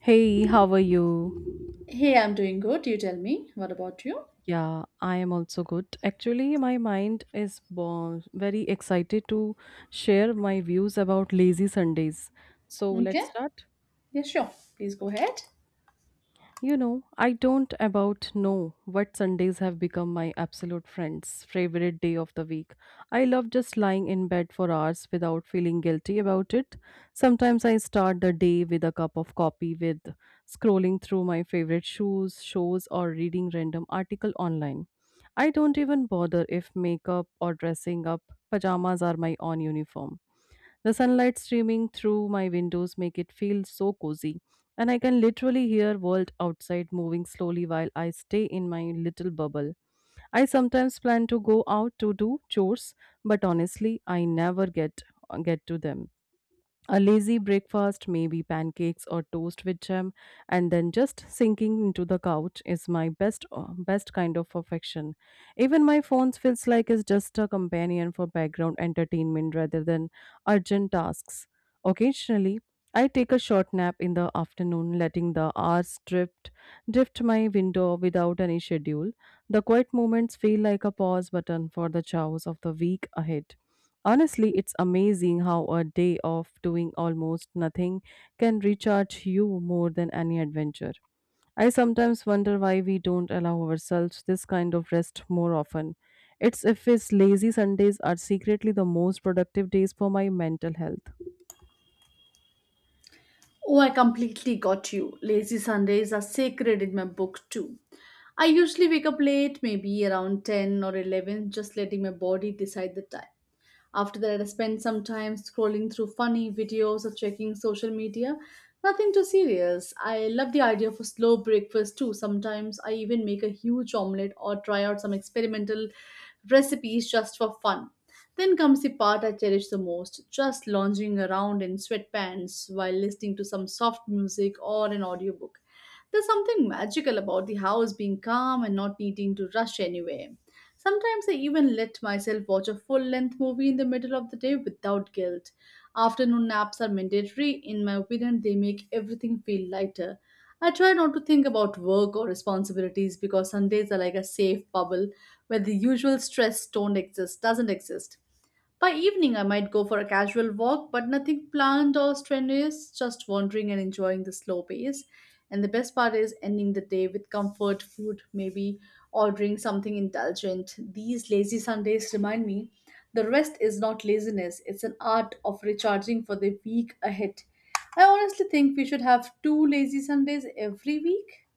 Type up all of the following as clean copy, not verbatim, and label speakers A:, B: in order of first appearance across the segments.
A: Hey, how are you?
B: Hey, I'm doing good. You tell me. What about you?
A: Yeah, I am also good. Actually, my mind is very excited to share my views about lazy Sundays. So let's
B: Okay.
A: start.
B: Yeah, sure. Please go ahead.
A: You know, I don't about know what Sundays have become my absolute friend's favorite day of the week. I love just lying in bed for hours without feeling guilty about it. Sometimes I start the day with a cup of coffee with scrolling through my favorite shows or reading random article online. I don't even bother if makeup or dressing up. Pajamas are my own uniform. The sunlight streaming through my windows make it feel so cozy, and I can literally hear world outside moving slowly while I stay in my little bubble. I sometimes plan to go out to do chores, but honestly, I never get to them. A lazy breakfast, maybe pancakes or toast with jam, and then just sinking into the couch is my best kind of affection. Even my phone feels like it's just a companion for background entertainment rather than urgent tasks. Occasionally, I take a short nap in the afternoon, letting the hours drift my window without any schedule. The quiet moments feel like a pause button for the chaos of the week ahead. Honestly, it's amazing how a day of doing almost nothing can recharge you more than any adventure. I sometimes wonder why we don't allow ourselves this kind of rest more often. It's if it's lazy Sundays are secretly the most productive days for my mental health.
B: Oh, I completely got you. Lazy Sundays are sacred in my book, too. I usually wake up late, maybe around 10 or 11, just letting my body decide the time. After that, I spent some time scrolling through funny videos or checking social media. Nothing too serious. I love the idea of a slow breakfast too. Sometimes I even make a huge omelette or try out some experimental recipes just for fun. Then comes the part I cherish the most just lounging around in sweatpants while listening to some soft music or an audiobook. There's something magical about the house being calm and not needing to rush anywhere. Sometimes I even let myself watch a full length movie in the middle of the day without guilt. Afternoon naps are mandatory. In my opinion, they make everything feel lighter. I try not to think about work or responsibilities because Sundays are like a safe bubble where the usual stress don't exist, doesn't exist. By evening, I might go for a casual walk, but nothing planned or strenuous, just wandering and enjoying the slow pace. And the best part is ending the day with comfort food, maybe ordering something indulgent. These lazy Sundays remind me the rest is not laziness, it's an art of recharging for the week ahead. I honestly think we should have two lazy Sundays every week.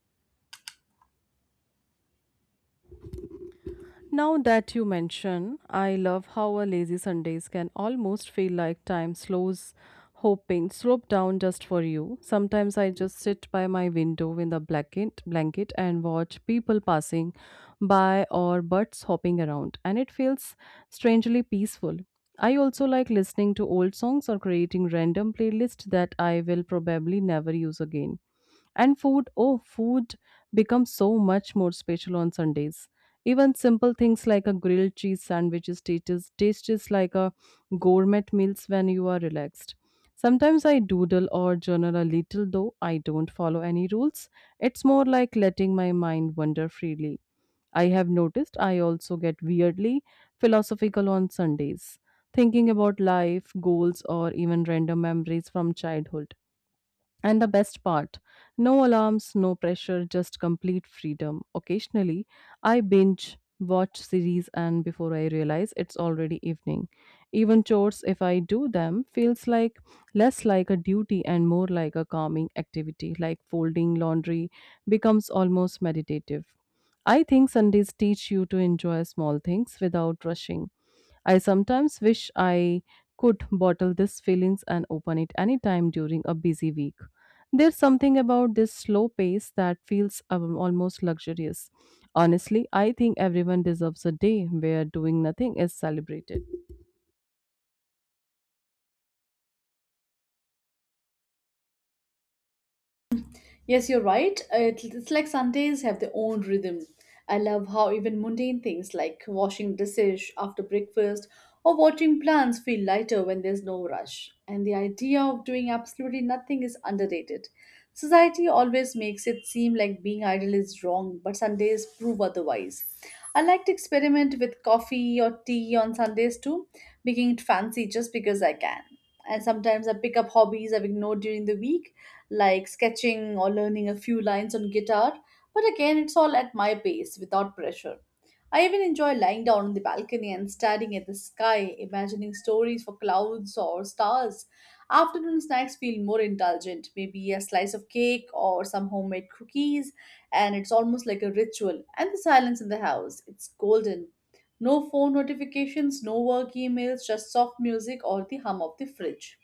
A: Now that you mention, I love how a lazy Sundays can almost feel like time slows hoping slope down just for you. Sometimes I just sit by my window in the blanket and watch people passing by or birds hopping around, and it feels strangely peaceful. I also like listening to old songs or creating random playlists that I will probably never use again. And food, oh, food becomes so much more special on Sundays. Even simple things like a grilled cheese sandwiches tastes like a gourmet meals when you are relaxed. Sometimes I doodle or journal a little, though I don't follow any rules. It's more like letting my mind wander freely. I have noticed I also get weirdly philosophical on Sundays, thinking about life, goals, or even random memories from childhood. And the best part, no alarms, no pressure, just complete freedom. Occasionally, I binge watch series and before I realize it's already evening. Even chores, if I do them, feels like less like a duty and more like a calming activity, like folding laundry becomes almost meditative. I think Sundays teach you to enjoy small things without rushing. I sometimes wish I could bottle these feelings and open it anytime during a busy week. There's something about this slow pace that feels almost luxurious. Honestly, I think everyone deserves a day where doing nothing is celebrated.
B: Yes, you're right. It's like Sundays have their own rhythm. I love how even mundane things like washing dishes after breakfast or watering plants feel lighter when there's no rush. And the idea of doing absolutely nothing is underrated. Society always makes it seem like being idle is wrong, but Sundays prove otherwise. I like to experiment with coffee or tea on Sundays too, making it fancy just because I can. And sometimes I pick up hobbies I've ignored during the week like sketching or learning a few lines on guitar, but again, it's all at my pace without pressure. I even enjoy lying down on the balcony and staring at the sky, imagining stories for clouds or stars. Afternoon snacks feel more indulgent, maybe a slice of cake or some homemade cookies, and it's almost like a ritual. And the silence in the house, it's golden. No phone notifications, no work emails, just soft music or the hum of the fridge.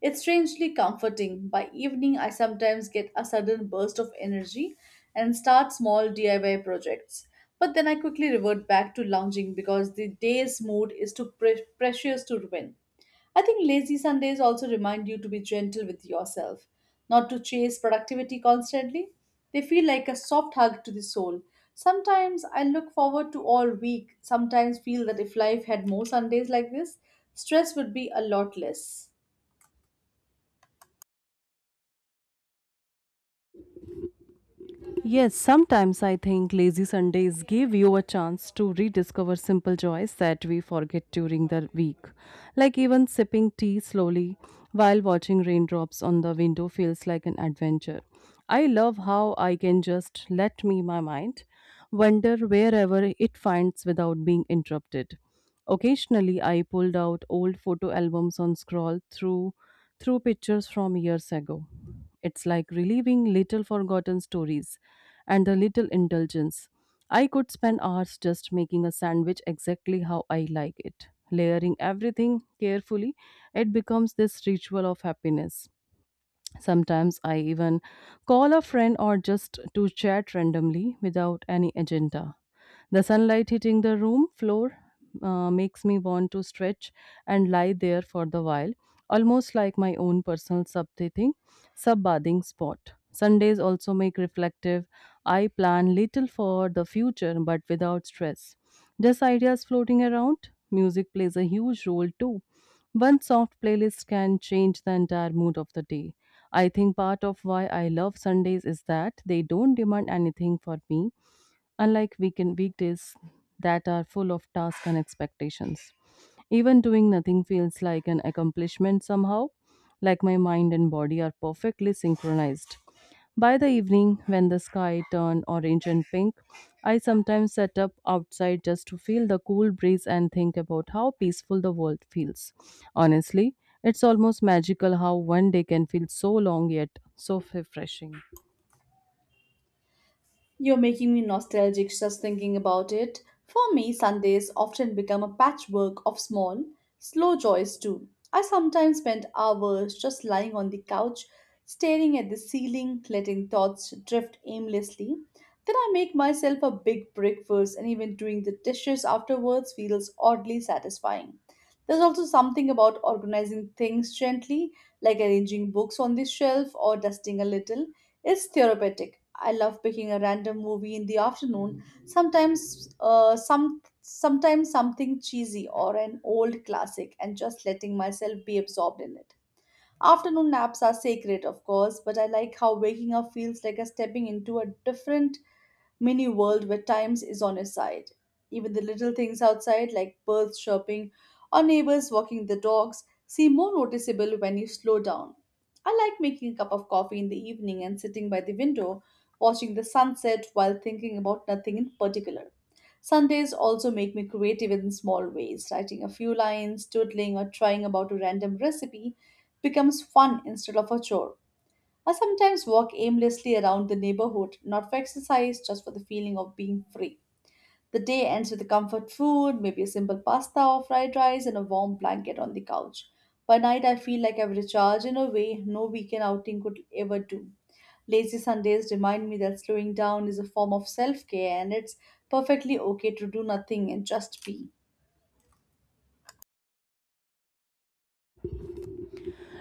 B: It's strangely comforting. By evening, I sometimes get a sudden burst of energy and start small DIY projects. But then I quickly revert back to lounging because the day's mood is too precious to ruin. I think lazy Sundays also remind you to be gentle with yourself, not to chase productivity constantly. They feel like a soft hug to the soul. Sometimes I look forward to all week, sometimes feel that if life had more Sundays like this, stress would be a lot less.
A: Yes, sometimes I think lazy Sundays give you a chance to rediscover simple joys that we forget during the week. Like even sipping tea slowly while watching raindrops on the window feels like an adventure. I love how I can just let me my mind wander wherever it finds without being interrupted. Occasionally, I pulled out old photo albums and scroll through pictures from years ago. It's like reliving little forgotten stories and a little indulgence. I could spend hours just making a sandwich exactly how I like it. Layering everything carefully, it becomes this ritual of happiness. Sometimes I even call a friend or just to chat randomly without any agenda. The sunlight hitting the room floor makes me want to stretch and lie there for the while, almost like my own personal sub-bathing spot. Sundays also make reflective. I plan little for the future but without stress. Just ideas floating around. Music plays a huge role too. One soft playlist can change the entire mood of the day. I think part of why I love Sundays is that they don't demand anything for me, unlike weekend weekdays that are full of tasks and expectations. Even doing nothing feels like an accomplishment somehow, like my mind and body are perfectly synchronized. By the evening, when the sky turned orange and pink, I sometimes sat up outside just to feel the cool breeze and think about how peaceful the world feels. Honestly, it's almost magical how one day can feel so long yet so refreshing.
B: You're making me nostalgic just thinking about it. For me, Sundays often become a patchwork of small, slow joys too. I sometimes spend hours just lying on the couch, staring at the ceiling, letting thoughts drift aimlessly. Then I make myself a big breakfast, and even doing the dishes afterwards feels oddly satisfying. There's also something about organizing things gently, like arranging books on the shelf or dusting a little it's therapeutic. I love picking a random movie in the afternoon, sometimes something cheesy or an old classic and just letting myself be absorbed in it. Afternoon naps are sacred, of course, but I like how waking up feels like a stepping into a different mini world where times is on his side. Even the little things outside, like birds chirping or neighbors walking the dogs, seem more noticeable when you slow down. I like making a cup of coffee in the evening and sitting by the window, watching the sunset while thinking about nothing in particular. Sundays also make me creative in small ways. Writing a few lines, doodling, or trying about a random recipe becomes fun instead of a chore. I sometimes walk aimlessly around the neighborhood, not for exercise, just for the feeling of being free. The day ends with a comfort food, maybe a simple pasta or fried rice, and a warm blanket on the couch. By night, I feel like I've recharged in a way no weekend outing could ever do. Lazy Sundays remind me that slowing down is a form of self care and it's perfectly okay to do nothing and just be.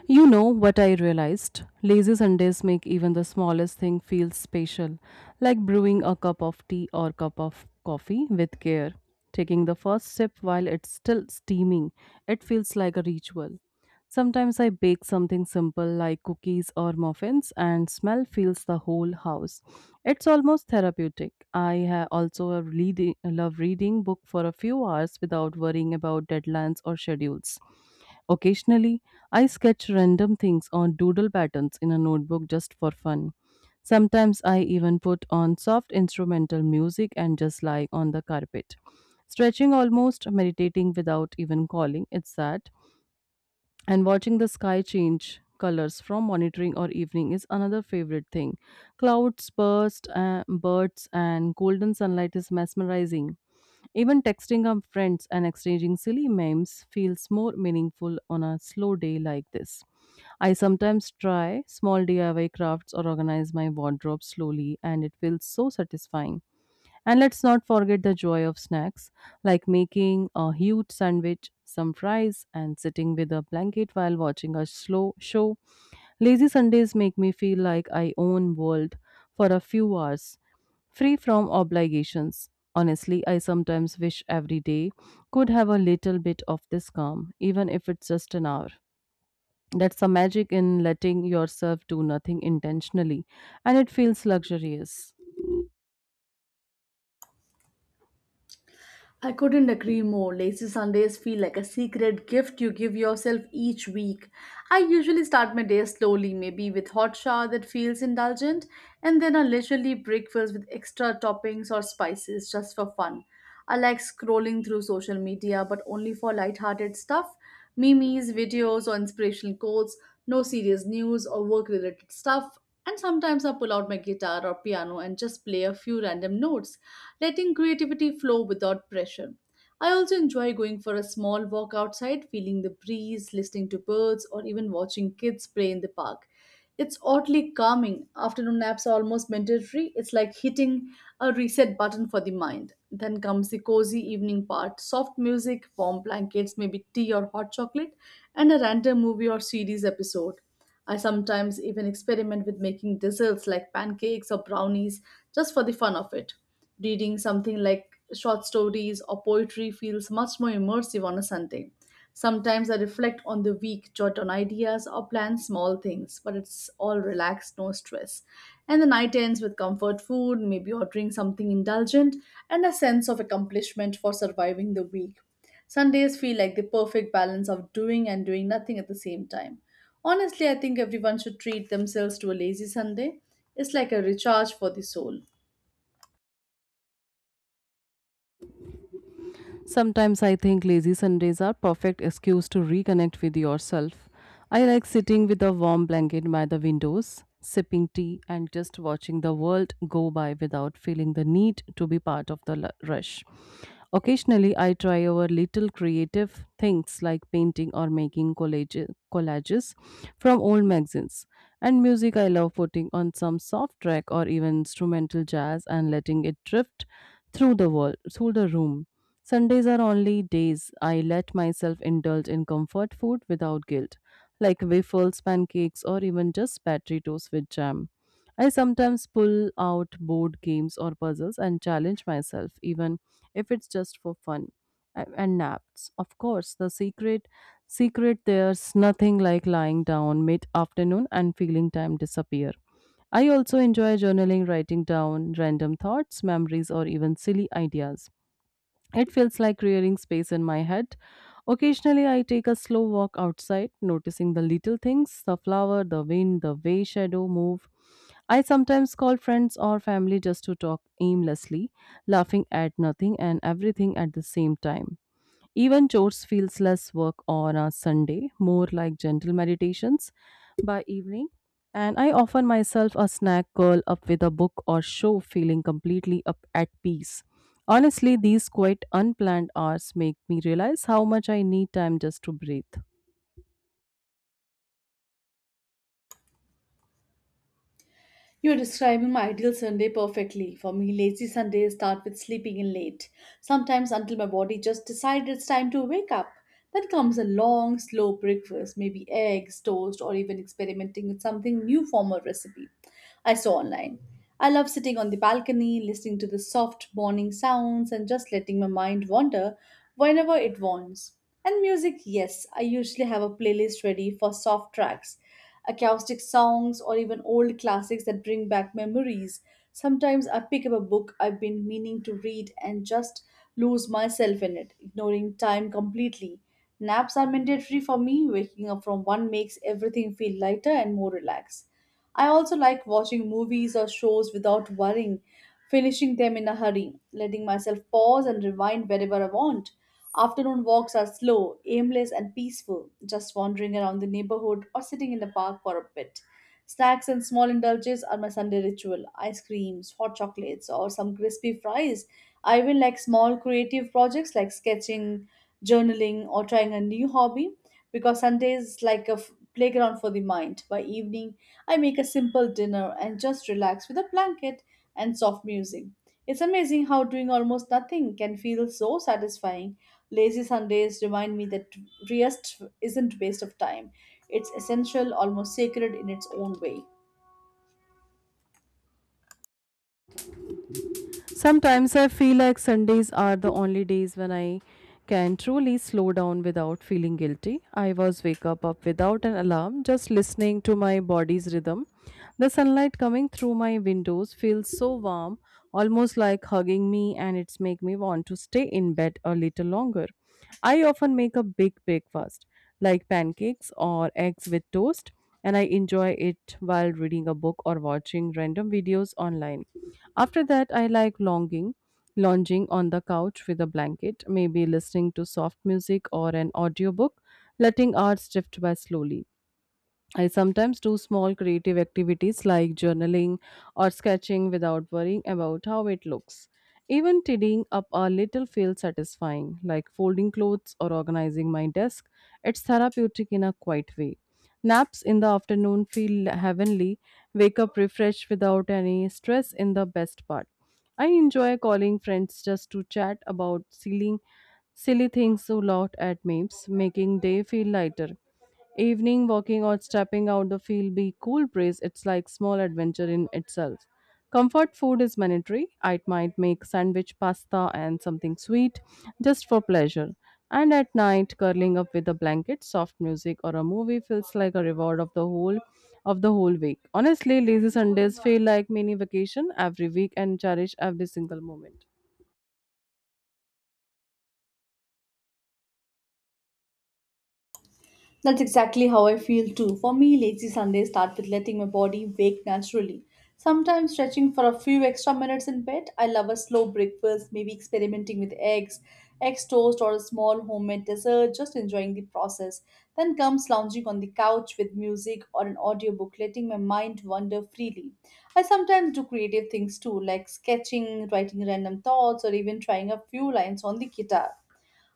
A: You know what I realized? Lazy Sundays make even the smallest thing feel special, like brewing a cup of tea or cup of coffee with care. Taking the first sip while it's still steaming, it feels like a ritual. Sometimes I bake something simple like cookies or muffins, and smell fills the whole house. It's almost therapeutic. I ha- also a reading, love reading book for a few hours without worrying about deadlines or schedules. Occasionally, I sketch random things on doodle patterns in a notebook just for fun. Sometimes I even put on soft instrumental music and just lie on the carpet. Stretching almost meditating without even calling, it's that and watching the sky change colors from monitoring or evening is another favorite thing. Birds, and golden sunlight is mesmerizing. Even texting our friends and exchanging silly memes feels more meaningful on a slow day like this. I sometimes try small DIY crafts or organize my wardrobe slowly, and it feels so satisfying. And let's not forget the joy of snacks, like making a huge sandwich, some fries, and sitting with a blanket while watching a slow show. Lazy Sundays make me feel like I own world for a few hours, free from obligations. Honestly, I sometimes wish every day could have a little bit of this calm, even if it's just an hour. That's the magic in letting yourself do nothing intentionally, and it feels luxurious.
B: I couldn't agree more. Lazy Sundays feel like a secret gift you give yourself each week. I usually start my day slowly, maybe with hot shower that feels indulgent, and then a leisurely breakfast with extra toppings or spices just for fun. I like scrolling through social media, but only for light-hearted stuff, memes, videos, or inspirational quotes, no serious news or work-related stuff. And sometimes I pull out my guitar or piano and just play a few random notes letting creativity flow without pressure. I also enjoy going for a small walk outside, feeling the breeze, listening to birds, or even watching kids play in the park. It's oddly calming. Afternoon naps are almost mandatory. It's like hitting a reset button for the mind. Then comes the cozy evening part soft music, warm blankets, maybe tea or hot chocolate, and a random movie or series episode. I sometimes even experiment with making desserts like pancakes or brownies just for the fun of it. Reading something like short stories or poetry feels much more immersive on a Sunday. Sometimes I reflect on the week, jot down ideas, or plan small things, but it's all relaxed, no stress. And the night ends with comfort food, maybe ordering something indulgent, and a sense of accomplishment for surviving the week. Sundays feel like the perfect balance of doing and doing nothing at the same time. Honestly, I think everyone should treat themselves to a lazy Sunday. It's like a recharge for the soul.
A: Sometimes I think lazy Sundays are perfect excuse to reconnect with yourself. I like sitting with a warm blanket by the windows, sipping tea and just watching the world go by without feeling the need to be part of the rush. Occasionally I try over little creative things like painting or making collages from old magazines. And music, I love putting on some soft track or even instrumental jazz and letting it drift through the room. Sundays are only days I let myself indulge in comfort food without guilt, like waffles, pancakes, or even just battery toast with jam. I sometimes pull out board games or puzzles and challenge myself, even if it's just for fun. And naps. Of course, the secret, there's nothing like lying down mid afternoon and feeling time disappear. I also enjoy journaling, writing down random thoughts, memories, or even silly ideas. It feels like clearing space in my head. Occasionally, I take a slow walk outside, noticing the little things, the flower, the wind, the way shadow move. I sometimes call friends or family just to talk aimlessly, laughing at nothing and everything at the same time. Even chores feels less work on a Sunday, more like gentle meditations by evening. And I offer myself a snack, curl up with a book or show feeling completely up at peace. Honestly, these quite unplanned hours make me realize how much I need time just to breathe.
B: You're describing my ideal Sunday perfectly. For me, lazy Sundays start with sleeping in late, sometimes until my body just decides it's time to wake up. Then comes a long, slow breakfast, maybe eggs, toast, or even experimenting with something new form of recipe. I saw online. I love sitting on the balcony, listening to the soft morning sounds, and just letting my mind wander whenever it wants. And music, yes, I usually have a playlist ready for soft tracks, acoustic songs, or even old classics that bring back memories. Sometimes I pick up a book I've been meaning to read and just lose myself in it, ignoring time completely. Naps are mandatory for me. Waking up from one makes everything feel lighter and more relaxed. I also like watching movies or shows without worrying, finishing them in a hurry, letting myself pause and rewind wherever I want. Afternoon walks are slow, aimless, and peaceful, just wandering around the neighborhood or sitting in the park for a bit. Snacks and small indulges are my Sunday ritual ice creams, hot chocolates, or some crispy fries. I even like small creative projects like sketching, journaling, or trying a new hobby because Sunday is like a playground for the mind. By evening, I make a simple dinner and just relax with a blanket and soft music. It's amazing how doing almost nothing can feel so satisfying. Lazy Sundays remind me that rest isn't waste of time. It's essential, almost sacred in its own way.
A: Sometimes I feel like Sundays are the only days when I can truly slow down without feeling guilty. I was wake up without an alarm, just listening to my body's rhythm. The sunlight coming through my windows feels so warm, almost like hugging me, and it's make me want to stay in bed a little longer. I often make a big breakfast, like pancakes or eggs with toast, and I enjoy it while reading a book or watching random videos online. After that, I like lounging on the couch with a blanket, maybe listening to soft music or an audiobook, letting hours drift by slowly. I sometimes do small creative activities like journaling or sketching without worrying about how it looks. Even tidying up a little feels satisfying, like folding clothes or organizing my desk. It's therapeutic in a quiet way. Naps in the afternoon feel heavenly, wake up refreshed without any stress in the best part. I enjoy calling friends just to chat about silly things to laugh at memes, making day feel lighter. Evening walking or stepping out the field be cool breeze, it's like small adventure in itself. Comfort food is mandatory. I might make sandwich pasta and something sweet just for pleasure. And at night, curling up with a blanket, soft music or a movie feels like a reward of the whole week. Honestly, lazy Sundays feel like mini vacation every week and cherish every single moment.
B: That's exactly how I feel too. For me, lazy Sundays start with letting my body wake naturally. Sometimes stretching for a few extra minutes in bed. I love a slow breakfast, maybe experimenting with eggs toast, or a small homemade dessert, just enjoying the process. Then comes lounging on the couch with music or an audiobook, letting my mind wander freely. I sometimes do creative things too, like sketching, writing random thoughts, or even trying a few lines on the guitar.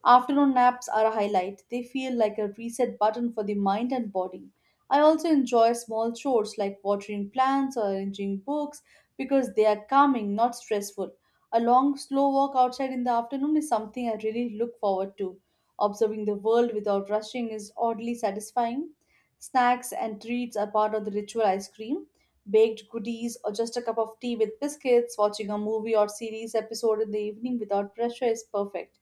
B: Afternoon naps are a highlight. They feel like a reset button for the mind and body. I also enjoy small chores like watering plants or arranging books because they are calming, not stressful. A long, slow walk outside in the afternoon is something I really look forward to. Observing the world without rushing is oddly satisfying. Snacks and treats are part of the ritual ice cream. Baked goodies or just a cup of tea with biscuits, watching a movie or series episode in the evening without pressure is perfect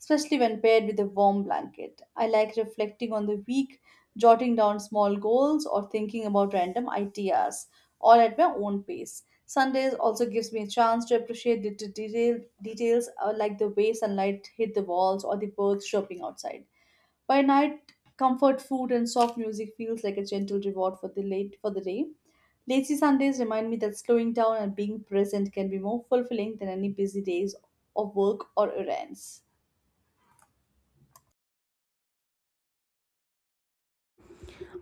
B: especially when paired with a warm blanket. I like reflecting on the week, jotting down small goals, or thinking about random ideas, all at my own pace. Sundays also gives me a chance to appreciate details like the way sunlight hit the walls or the birds chirping outside. By night, comfort food and soft music feels like a gentle reward for the late for the day. Lazy Sundays remind me that slowing down and being present can be more fulfilling than any busy days of work or errands.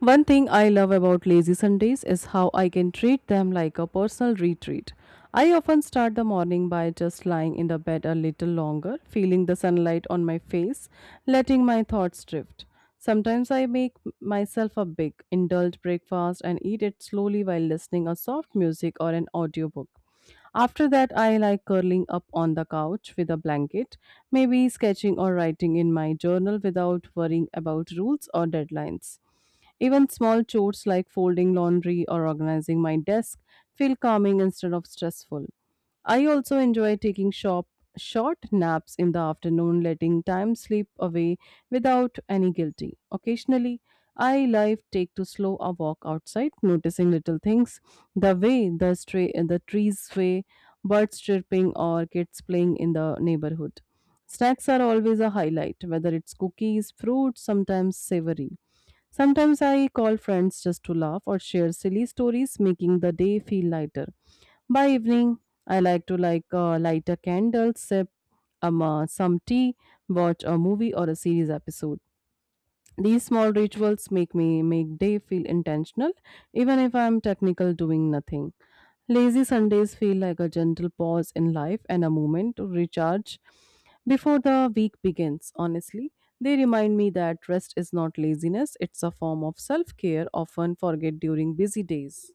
A: One thing I love about lazy Sundays is how I can treat them like a personal retreat. I often start the morning by just lying in the bed a little longer, feeling the sunlight on my face, letting my thoughts drift. Sometimes I make myself a big, indulged breakfast and eat it slowly while listening a soft music or an audiobook. After that, I like curling up on the couch with a blanket, maybe sketching or writing in my journal without worrying about rules or deadlines. Even small chores like folding laundry or organizing my desk feel calming instead of stressful. I also enjoy taking shop short naps in the afternoon, letting time slip away without any guilty. Occasionally, I like take to slow a walk outside, noticing little things, the way the trees sway, birds chirping, or kids playing in the neighborhood. Snacks are always a highlight, whether it's cookies, fruit, sometimes savory. Sometimes I call friends just to laugh or share silly stories, making the day feel lighter. By evening, I like to light a candle, sip some tea, watch a movie or a series episode. These small rituals make day feel intentional, even if I am technical doing nothing. Lazy Sundays feel like a gentle pause in life and a moment to recharge before the week begins. Honestly, they remind me that rest is not laziness, it's a form of self care often forget during busy days.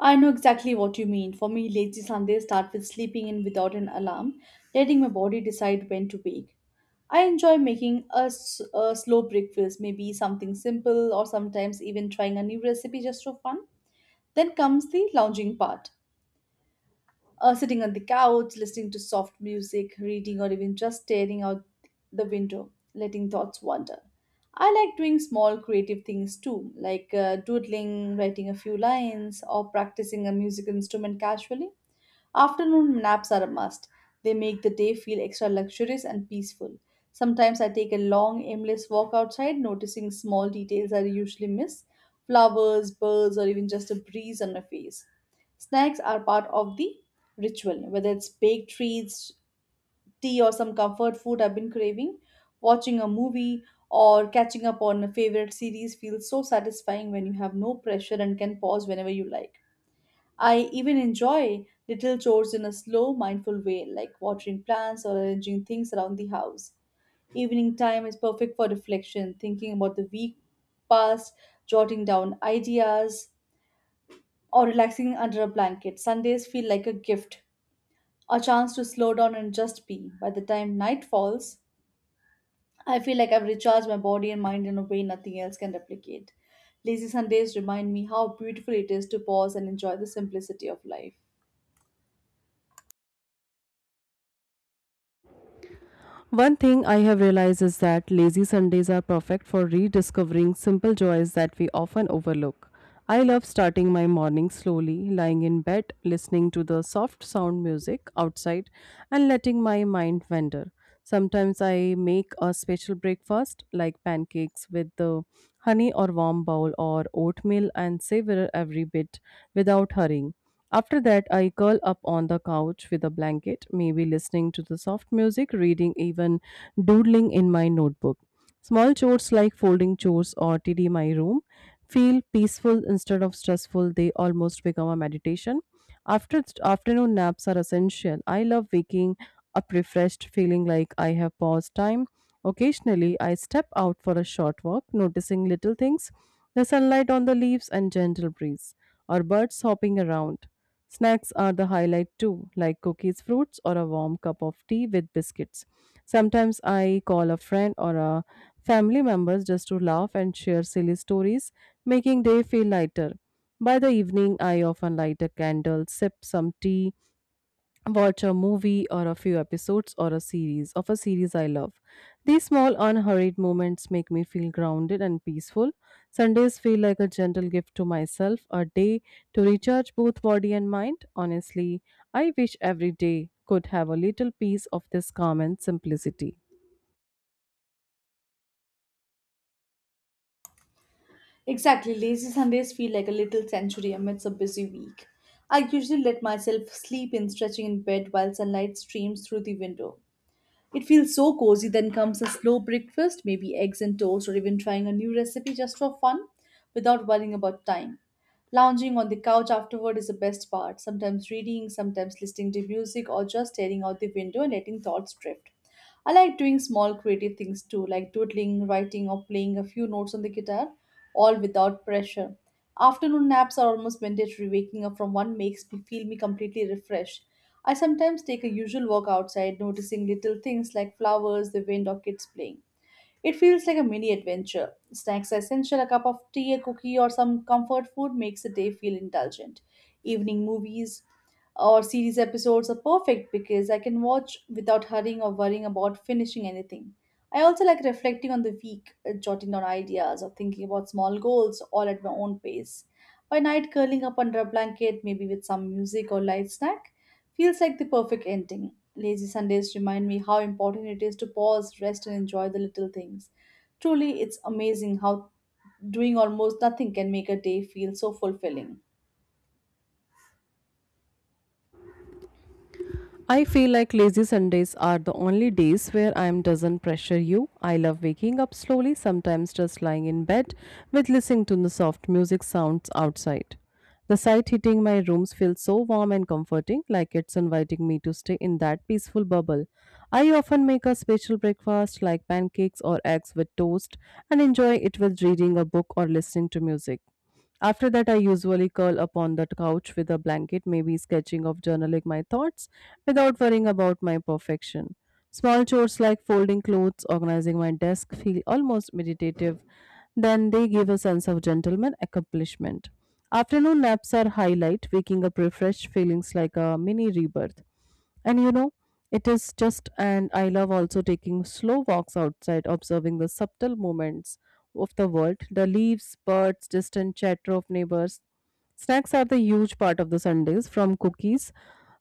B: I know exactly what you mean. For me, lazy Sundays start with sleeping in without an alarm, letting my body decide when to wake. I enjoy making a slow breakfast, maybe something simple, or sometimes even trying a new recipe just for fun. Then comes the lounging part, sitting on the couch, listening to soft music, reading, or even just staring out the window, letting thoughts wander. I like doing small creative things too, like doodling, writing a few lines, or practicing a music instrument casually. Afternoon naps are a must. They make the day feel extra luxurious and peaceful. Sometimes I take a long, aimless walk outside, noticing small details I usually miss, flowers, birds, or even just a breeze on my face. Snacks are part of the ritual, whether it's baked treats, tea, or some comfort food I've been craving. Watching a movie or catching up on a favorite series feels so satisfying when you have no pressure and can pause whenever you like. I even enjoy little chores in a slow, mindful way, like watering plants or arranging things around the house. Evening time is perfect for reflection, thinking about the week past, jotting down ideas, or relaxing under a blanket. Sundays feel like a gift, a chance to slow down and just be. By the time night falls, I feel like I've recharged my body and mind in a way nothing else can replicate. Lazy Sundays remind me how beautiful it is to pause and enjoy the simplicity of life.
A: One thing I have realized is that lazy Sundays are perfect for rediscovering simple joys that we often overlook. I love starting my morning slowly, lying in bed, listening to the soft sound music outside, and letting my mind wander. Sometimes I make a special breakfast like pancakes with the honey or warm bowl or oatmeal and savor every bit without hurrying. After that, I curl up on the couch with a blanket, maybe listening to the soft music, reading, even doodling in my notebook. Small chores like folding chores or tidy my room feel peaceful instead of stressful. They almost become a meditation. After afternoon naps are essential. I love waking up refreshed, feeling like I have paused time. Occasionally, I step out for a short walk, noticing little things, the sunlight on the leaves and gentle breeze, or birds hopping around. Snacks are the highlight too, like cookies, fruits, or a warm cup of tea with biscuits. Sometimes I call a friend or a family members just to laugh and share silly stories, making day feel lighter. By the evening, I often light a candle, sip some tea, watch a movie or a few episodes or a series I love. These small, unhurried moments make me feel grounded and peaceful. Sundays feel like a gentle gift to myself, a day to recharge both body and mind. Honestly, I wish every day could have a little piece of this calm and simplicity.
B: Exactly, lazy Sundays feel like a little sanctuary amidst a busy week. I usually let myself sleep in, stretching in bed while sunlight streams through the window. It feels so cozy. Then comes a slow breakfast, maybe eggs and toast, or even trying a new recipe just for fun without worrying about time. Lounging on the couch afterward is the best part, sometimes reading, sometimes listening to music, or just staring out the window and letting thoughts drift. I like doing small creative things too, like doodling, writing, or playing a few notes on the guitar, all without pressure. Afternoon naps are almost mandatory. Waking up from one makes me feel me completely refreshed. I sometimes take a usual walk outside, noticing little things like flowers, the wind, or kids playing. It feels like a mini adventure. Snacks are essential, a cup of tea, a cookie, or some comfort food makes the day feel indulgent. Evening movies or series episodes are perfect because I can watch without hurrying or worrying about finishing anything. I also like reflecting on the week, jotting down ideas, or thinking about small goals all at my own pace. By night, curling up under a blanket, maybe with some music or light snack, feels like the perfect ending. Lazy Sundays remind me how important it is to pause, rest, and enjoy the little things. Truly, it's amazing how doing almost nothing can make a day feel so fulfilling.
A: I feel like lazy Sundays are the only days where I am doesn't pressure you. I love waking up slowly, sometimes just lying in bed with listening to the soft music sounds outside. The sight hitting my rooms feels so warm and comforting, like it's inviting me to stay in that peaceful bubble. I often make a special breakfast like pancakes or eggs with toast and enjoy it with reading a book or listening to music. After that, I usually curl upon the couch with a blanket, maybe sketching or journaling my thoughts without worrying about my perfection. Small chores like folding clothes, organizing my desk feel almost meditative. Then they give a sense of gentleman accomplishment. Afternoon naps are highlight, waking up refreshed, feelings like a mini rebirth. And you know, it is just, and I love also taking slow walks outside, observing the subtle movements of the world, the leaves, birds, distant chatter of neighbors. Snacks are the huge part of the Sundays, from cookies,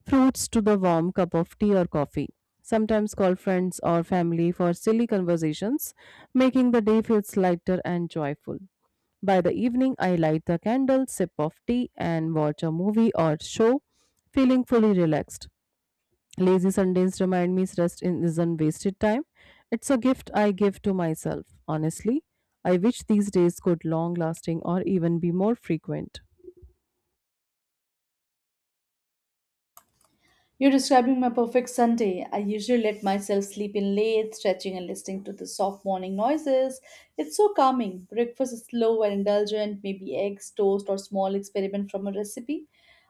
A: fruits to the warm cup of tea or coffee. Sometimes call friends or family for silly conversations, making the day feels lighter and joyful. By the evening, I light the candle, sip of tea, and watch a movie or show, feeling fully relaxed. Lazy Sundays remind me isn't wasted time. It's a gift I give to myself. Honestly, I wish these days could long lasting or even be more frequent.
B: You're describing my perfect Sunday. I usually let myself sleep in late, stretching and listening to the soft morning noises. It's so calming. Breakfast is slow and indulgent, maybe eggs, toast, or small experiment from a recipe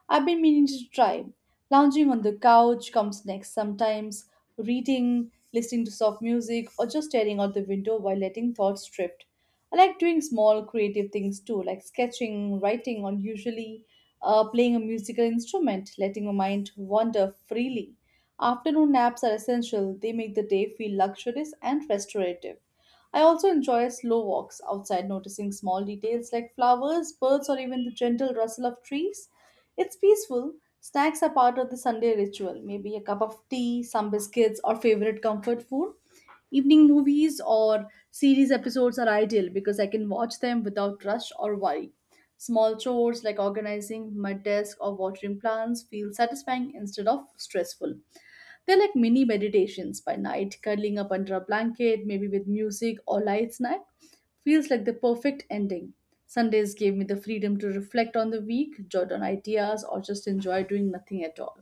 B: I've been meaning to try. Lounging on the couch comes next, sometimes reading, listening to soft music, or just staring out the window while letting thoughts drift. I like doing small creative things too, like sketching, writing, or usually playing a musical instrument, letting your mind wander freely. Afternoon naps are essential, they make the day feel luxurious and restorative. I also enjoy slow walks outside, noticing small details like flowers, birds, or even the gentle rustle of trees. It's peaceful. Snacks are part of the Sunday ritual, maybe a cup of tea, some biscuits, or favorite comfort food. Evening movies or series episodes are ideal because I can watch them without rush or worry. Small chores like organizing my desk or watering plants feel satisfying instead of stressful. They're like mini meditations. By night, curling up under a blanket, maybe with music or light snack, feels like the perfect ending. Sundays gave me the freedom to reflect on the week, jot down ideas, or just enjoy doing nothing at all.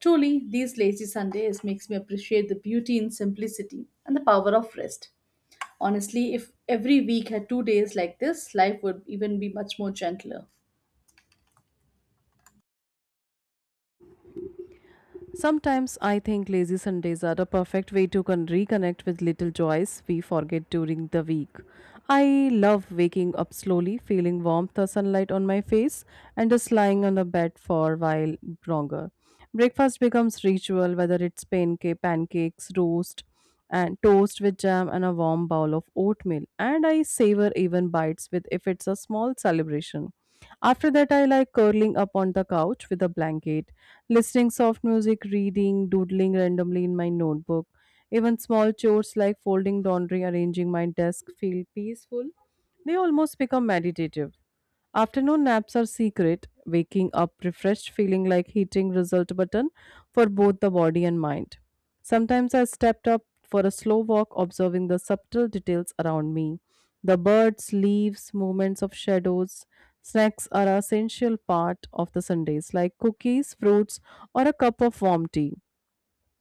B: Truly, these lazy Sundays makes me appreciate the beauty in simplicity and the power of rest. Honestly, if every week had 2 days like this, life would even be much more gentler.
A: Sometimes I think lazy Sundays are a perfect way to reconnect with little joys we forget during the week. I love waking up slowly, feeling warmth or sunlight on my face, and just lying on the bed for a while longer. Breakfast becomes ritual, whether it's pancakes, roast, and toast with jam and a warm bowl of oatmeal and I savor even bites with if it's a small celebration. After that, I like curling up on the couch with a blanket, listening soft music, reading, doodling randomly in my notebook. Even small chores like folding laundry, arranging my desk feel peaceful. They almost become meditative. Afternoon naps are secret, waking up refreshed, feeling like hitting result button for both the body and mind. Sometimes I stepped up for a slow walk, observing the subtle details around me. The birds, leaves, movements of shadows. Snacks are an essential part of the Sundays, like cookies, fruits, or a cup of warm tea.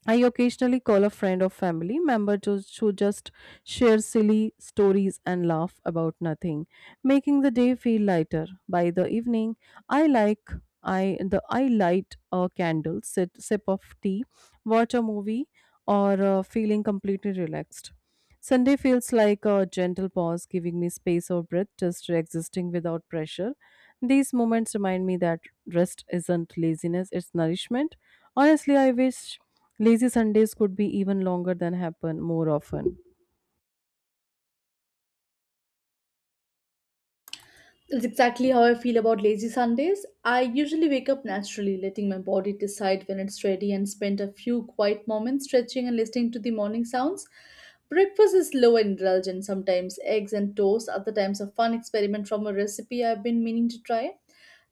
A: I occasionally call a friend or family member to just share silly stories and laugh about nothing, making the day feel lighter. By the evening, I like I the I light a candle, sit, sip of tea, watch a movie, or feeling completely relaxed. Sunday feels like a gentle pause, giving me space or breath, just existing without pressure. These moments remind me that rest isn't laziness; it's nourishment. Honestly, I wish Lazy Sundays could be even longer than happen more often.
B: That's exactly how I feel about lazy Sundays. I usually wake up naturally, letting my body decide when it's ready, and spend a few quiet moments stretching and listening to the morning sounds. Breakfast is low and indulgent, sometimes eggs and toast, other times a fun experiment from a recipe I've been meaning to try.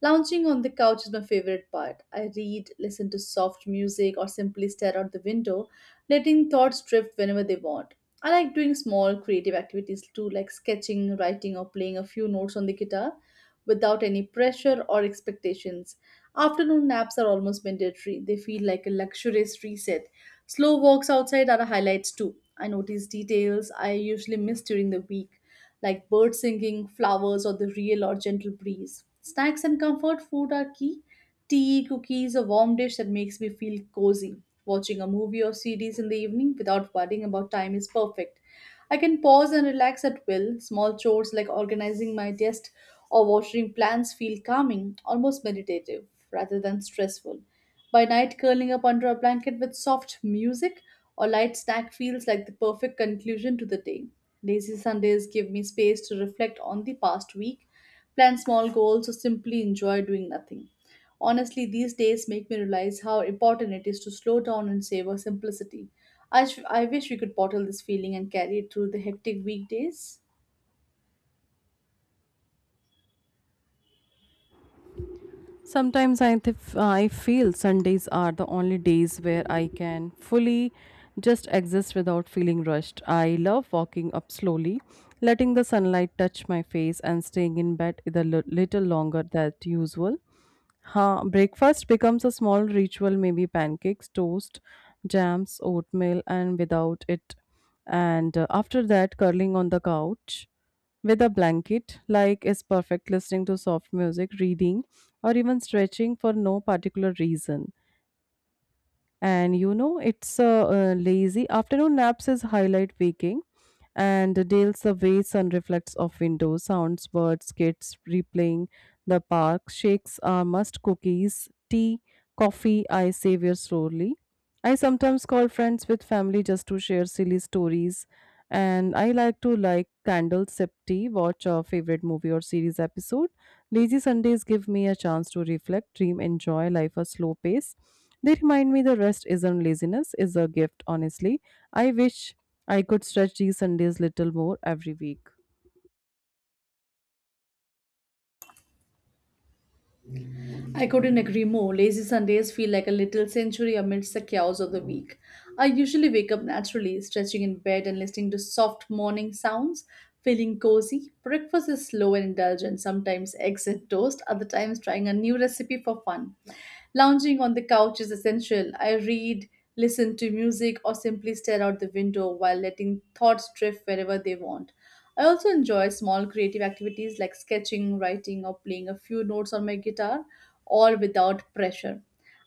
B: Lounging on the couch is my favorite part. I read, listen to soft music, or simply stare out the window, letting thoughts drift whenever they want. I like doing small creative activities too, like sketching, writing, or playing a few notes on the guitar without any pressure or expectations. Afternoon naps are almost mandatory, they feel like a luxurious reset. Slow walks outside are a highlight too. I notice details I usually miss during the week, like birds singing, flowers, or the real or gentle breeze. Snacks and comfort food are key. Tea, cookies, a warm dish that makes me feel cozy. Watching a movie or series in the evening without worrying about time is perfect. I can pause and relax at will. Small chores like organizing my desk or watering plants feel calming, almost meditative, rather than stressful. By night, curling up under a blanket with soft music or light snack feels like the perfect conclusion to the day. Lazy Sundays give me space to reflect on the past week, plan small goals, or simply enjoy doing nothing. Honestly, these days make me realize how important it is to slow down and savor simplicity. I wish we could bottle this feeling and carry it through the hectic weekdays.
A: I feel Sundays are the only days where I can fully just exist without feeling rushed. I love walking up slowly, letting the sunlight touch my face, and staying in bed a little longer than usual. Breakfast becomes a small ritual, maybe pancakes, toast, jams, oatmeal, and without it. And After that, curling on the couch with a blanket, like is perfect listening to soft music, reading, or even stretching for no particular reason. And you know, it's a, lazy afternoon. Naps is highlight, waking and dales the way sun reflects off windows, sounds, birds, kids replaying the park. Shakes are must, cookies, tea, coffee, I savor slowly. I sometimes call friends with family just to share silly stories. And I like to like candles, sip tea, watch a favorite movie or series episode. Lazy Sundays give me a chance to reflect, dream, enjoy life a slow pace. They remind me the rest isn't laziness, is a gift. Honestly, I wish I could stretch these Sundays little more every week.
B: I couldn't agree more. Lazy Sundays feel like a little sanctuary amidst the chaos of the week. I usually wake up naturally, stretching in bed and listening to soft morning sounds, feeling cozy. Breakfast is slow and indulgent, sometimes eggs and toast, other times trying a new recipe for fun. Lounging on the couch is essential. I read, listen to music, or simply stare out the window while letting thoughts drift wherever they want. I also enjoy small creative activities like sketching, writing, or playing a few notes on my guitar, all without pressure.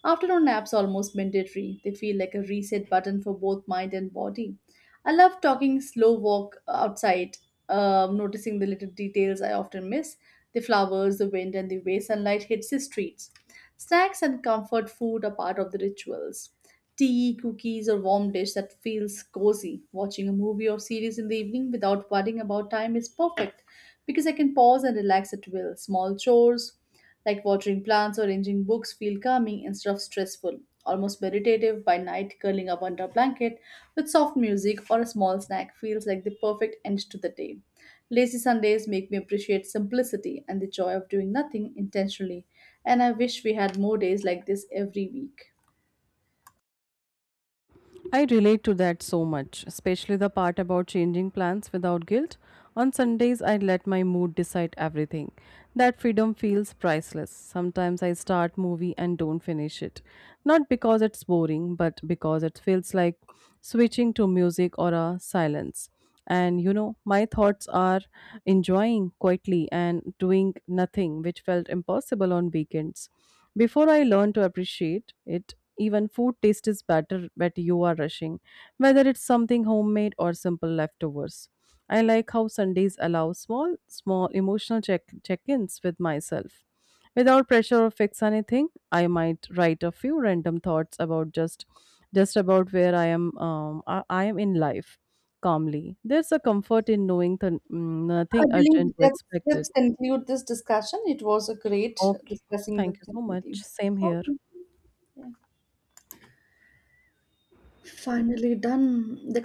B: Afternoon naps are almost mandatory. They feel like a reset button for both mind and body. I love talking slow walk outside, noticing the little details I often miss, the flowers, the wind, and the way sunlight hits the streets. Snacks and comfort food are part of the rituals. Tea, cookies, or warm dish that feels cozy. Watching a movie or series in the evening without worrying about time is perfect because I can pause and relax at will. Small chores, like watering plants or arranging books, feel calming instead of stressful, almost meditative. By night, curling up under a blanket with soft music or a small snack feels like the perfect end to the day. Lazy Sundays make me appreciate simplicity and the joy of doing nothing intentionally, and I wish we had more days like this every week.
A: I relate to that so much, especially the part about changing plans without guilt. On Sundays, I let my mood decide everything. That freedom feels priceless. Sometimes I start movie and don't finish it. Not because it's boring, but because it feels like switching to music or a silence. And you know, my thoughts are enjoying quietly and doing nothing, which felt impossible on weekends before I learned to appreciate it. Even food taste is better when you are rushing, whether it's something homemade or simple leftovers. I like how Sundays allow small emotional check-ins with myself without pressure or fix anything. I might write a few random thoughts about just about where I am I am in life calmly. There's a comfort in knowing that
B: I
A: nothing
B: believe
A: urgent to
B: that.
A: expect it.
B: Let's conclude this discussion. It was a great
A: Okay.
B: discussing the
A: Thank you so
B: thing with you.
A: much. Same here.
B: Okay, finally done.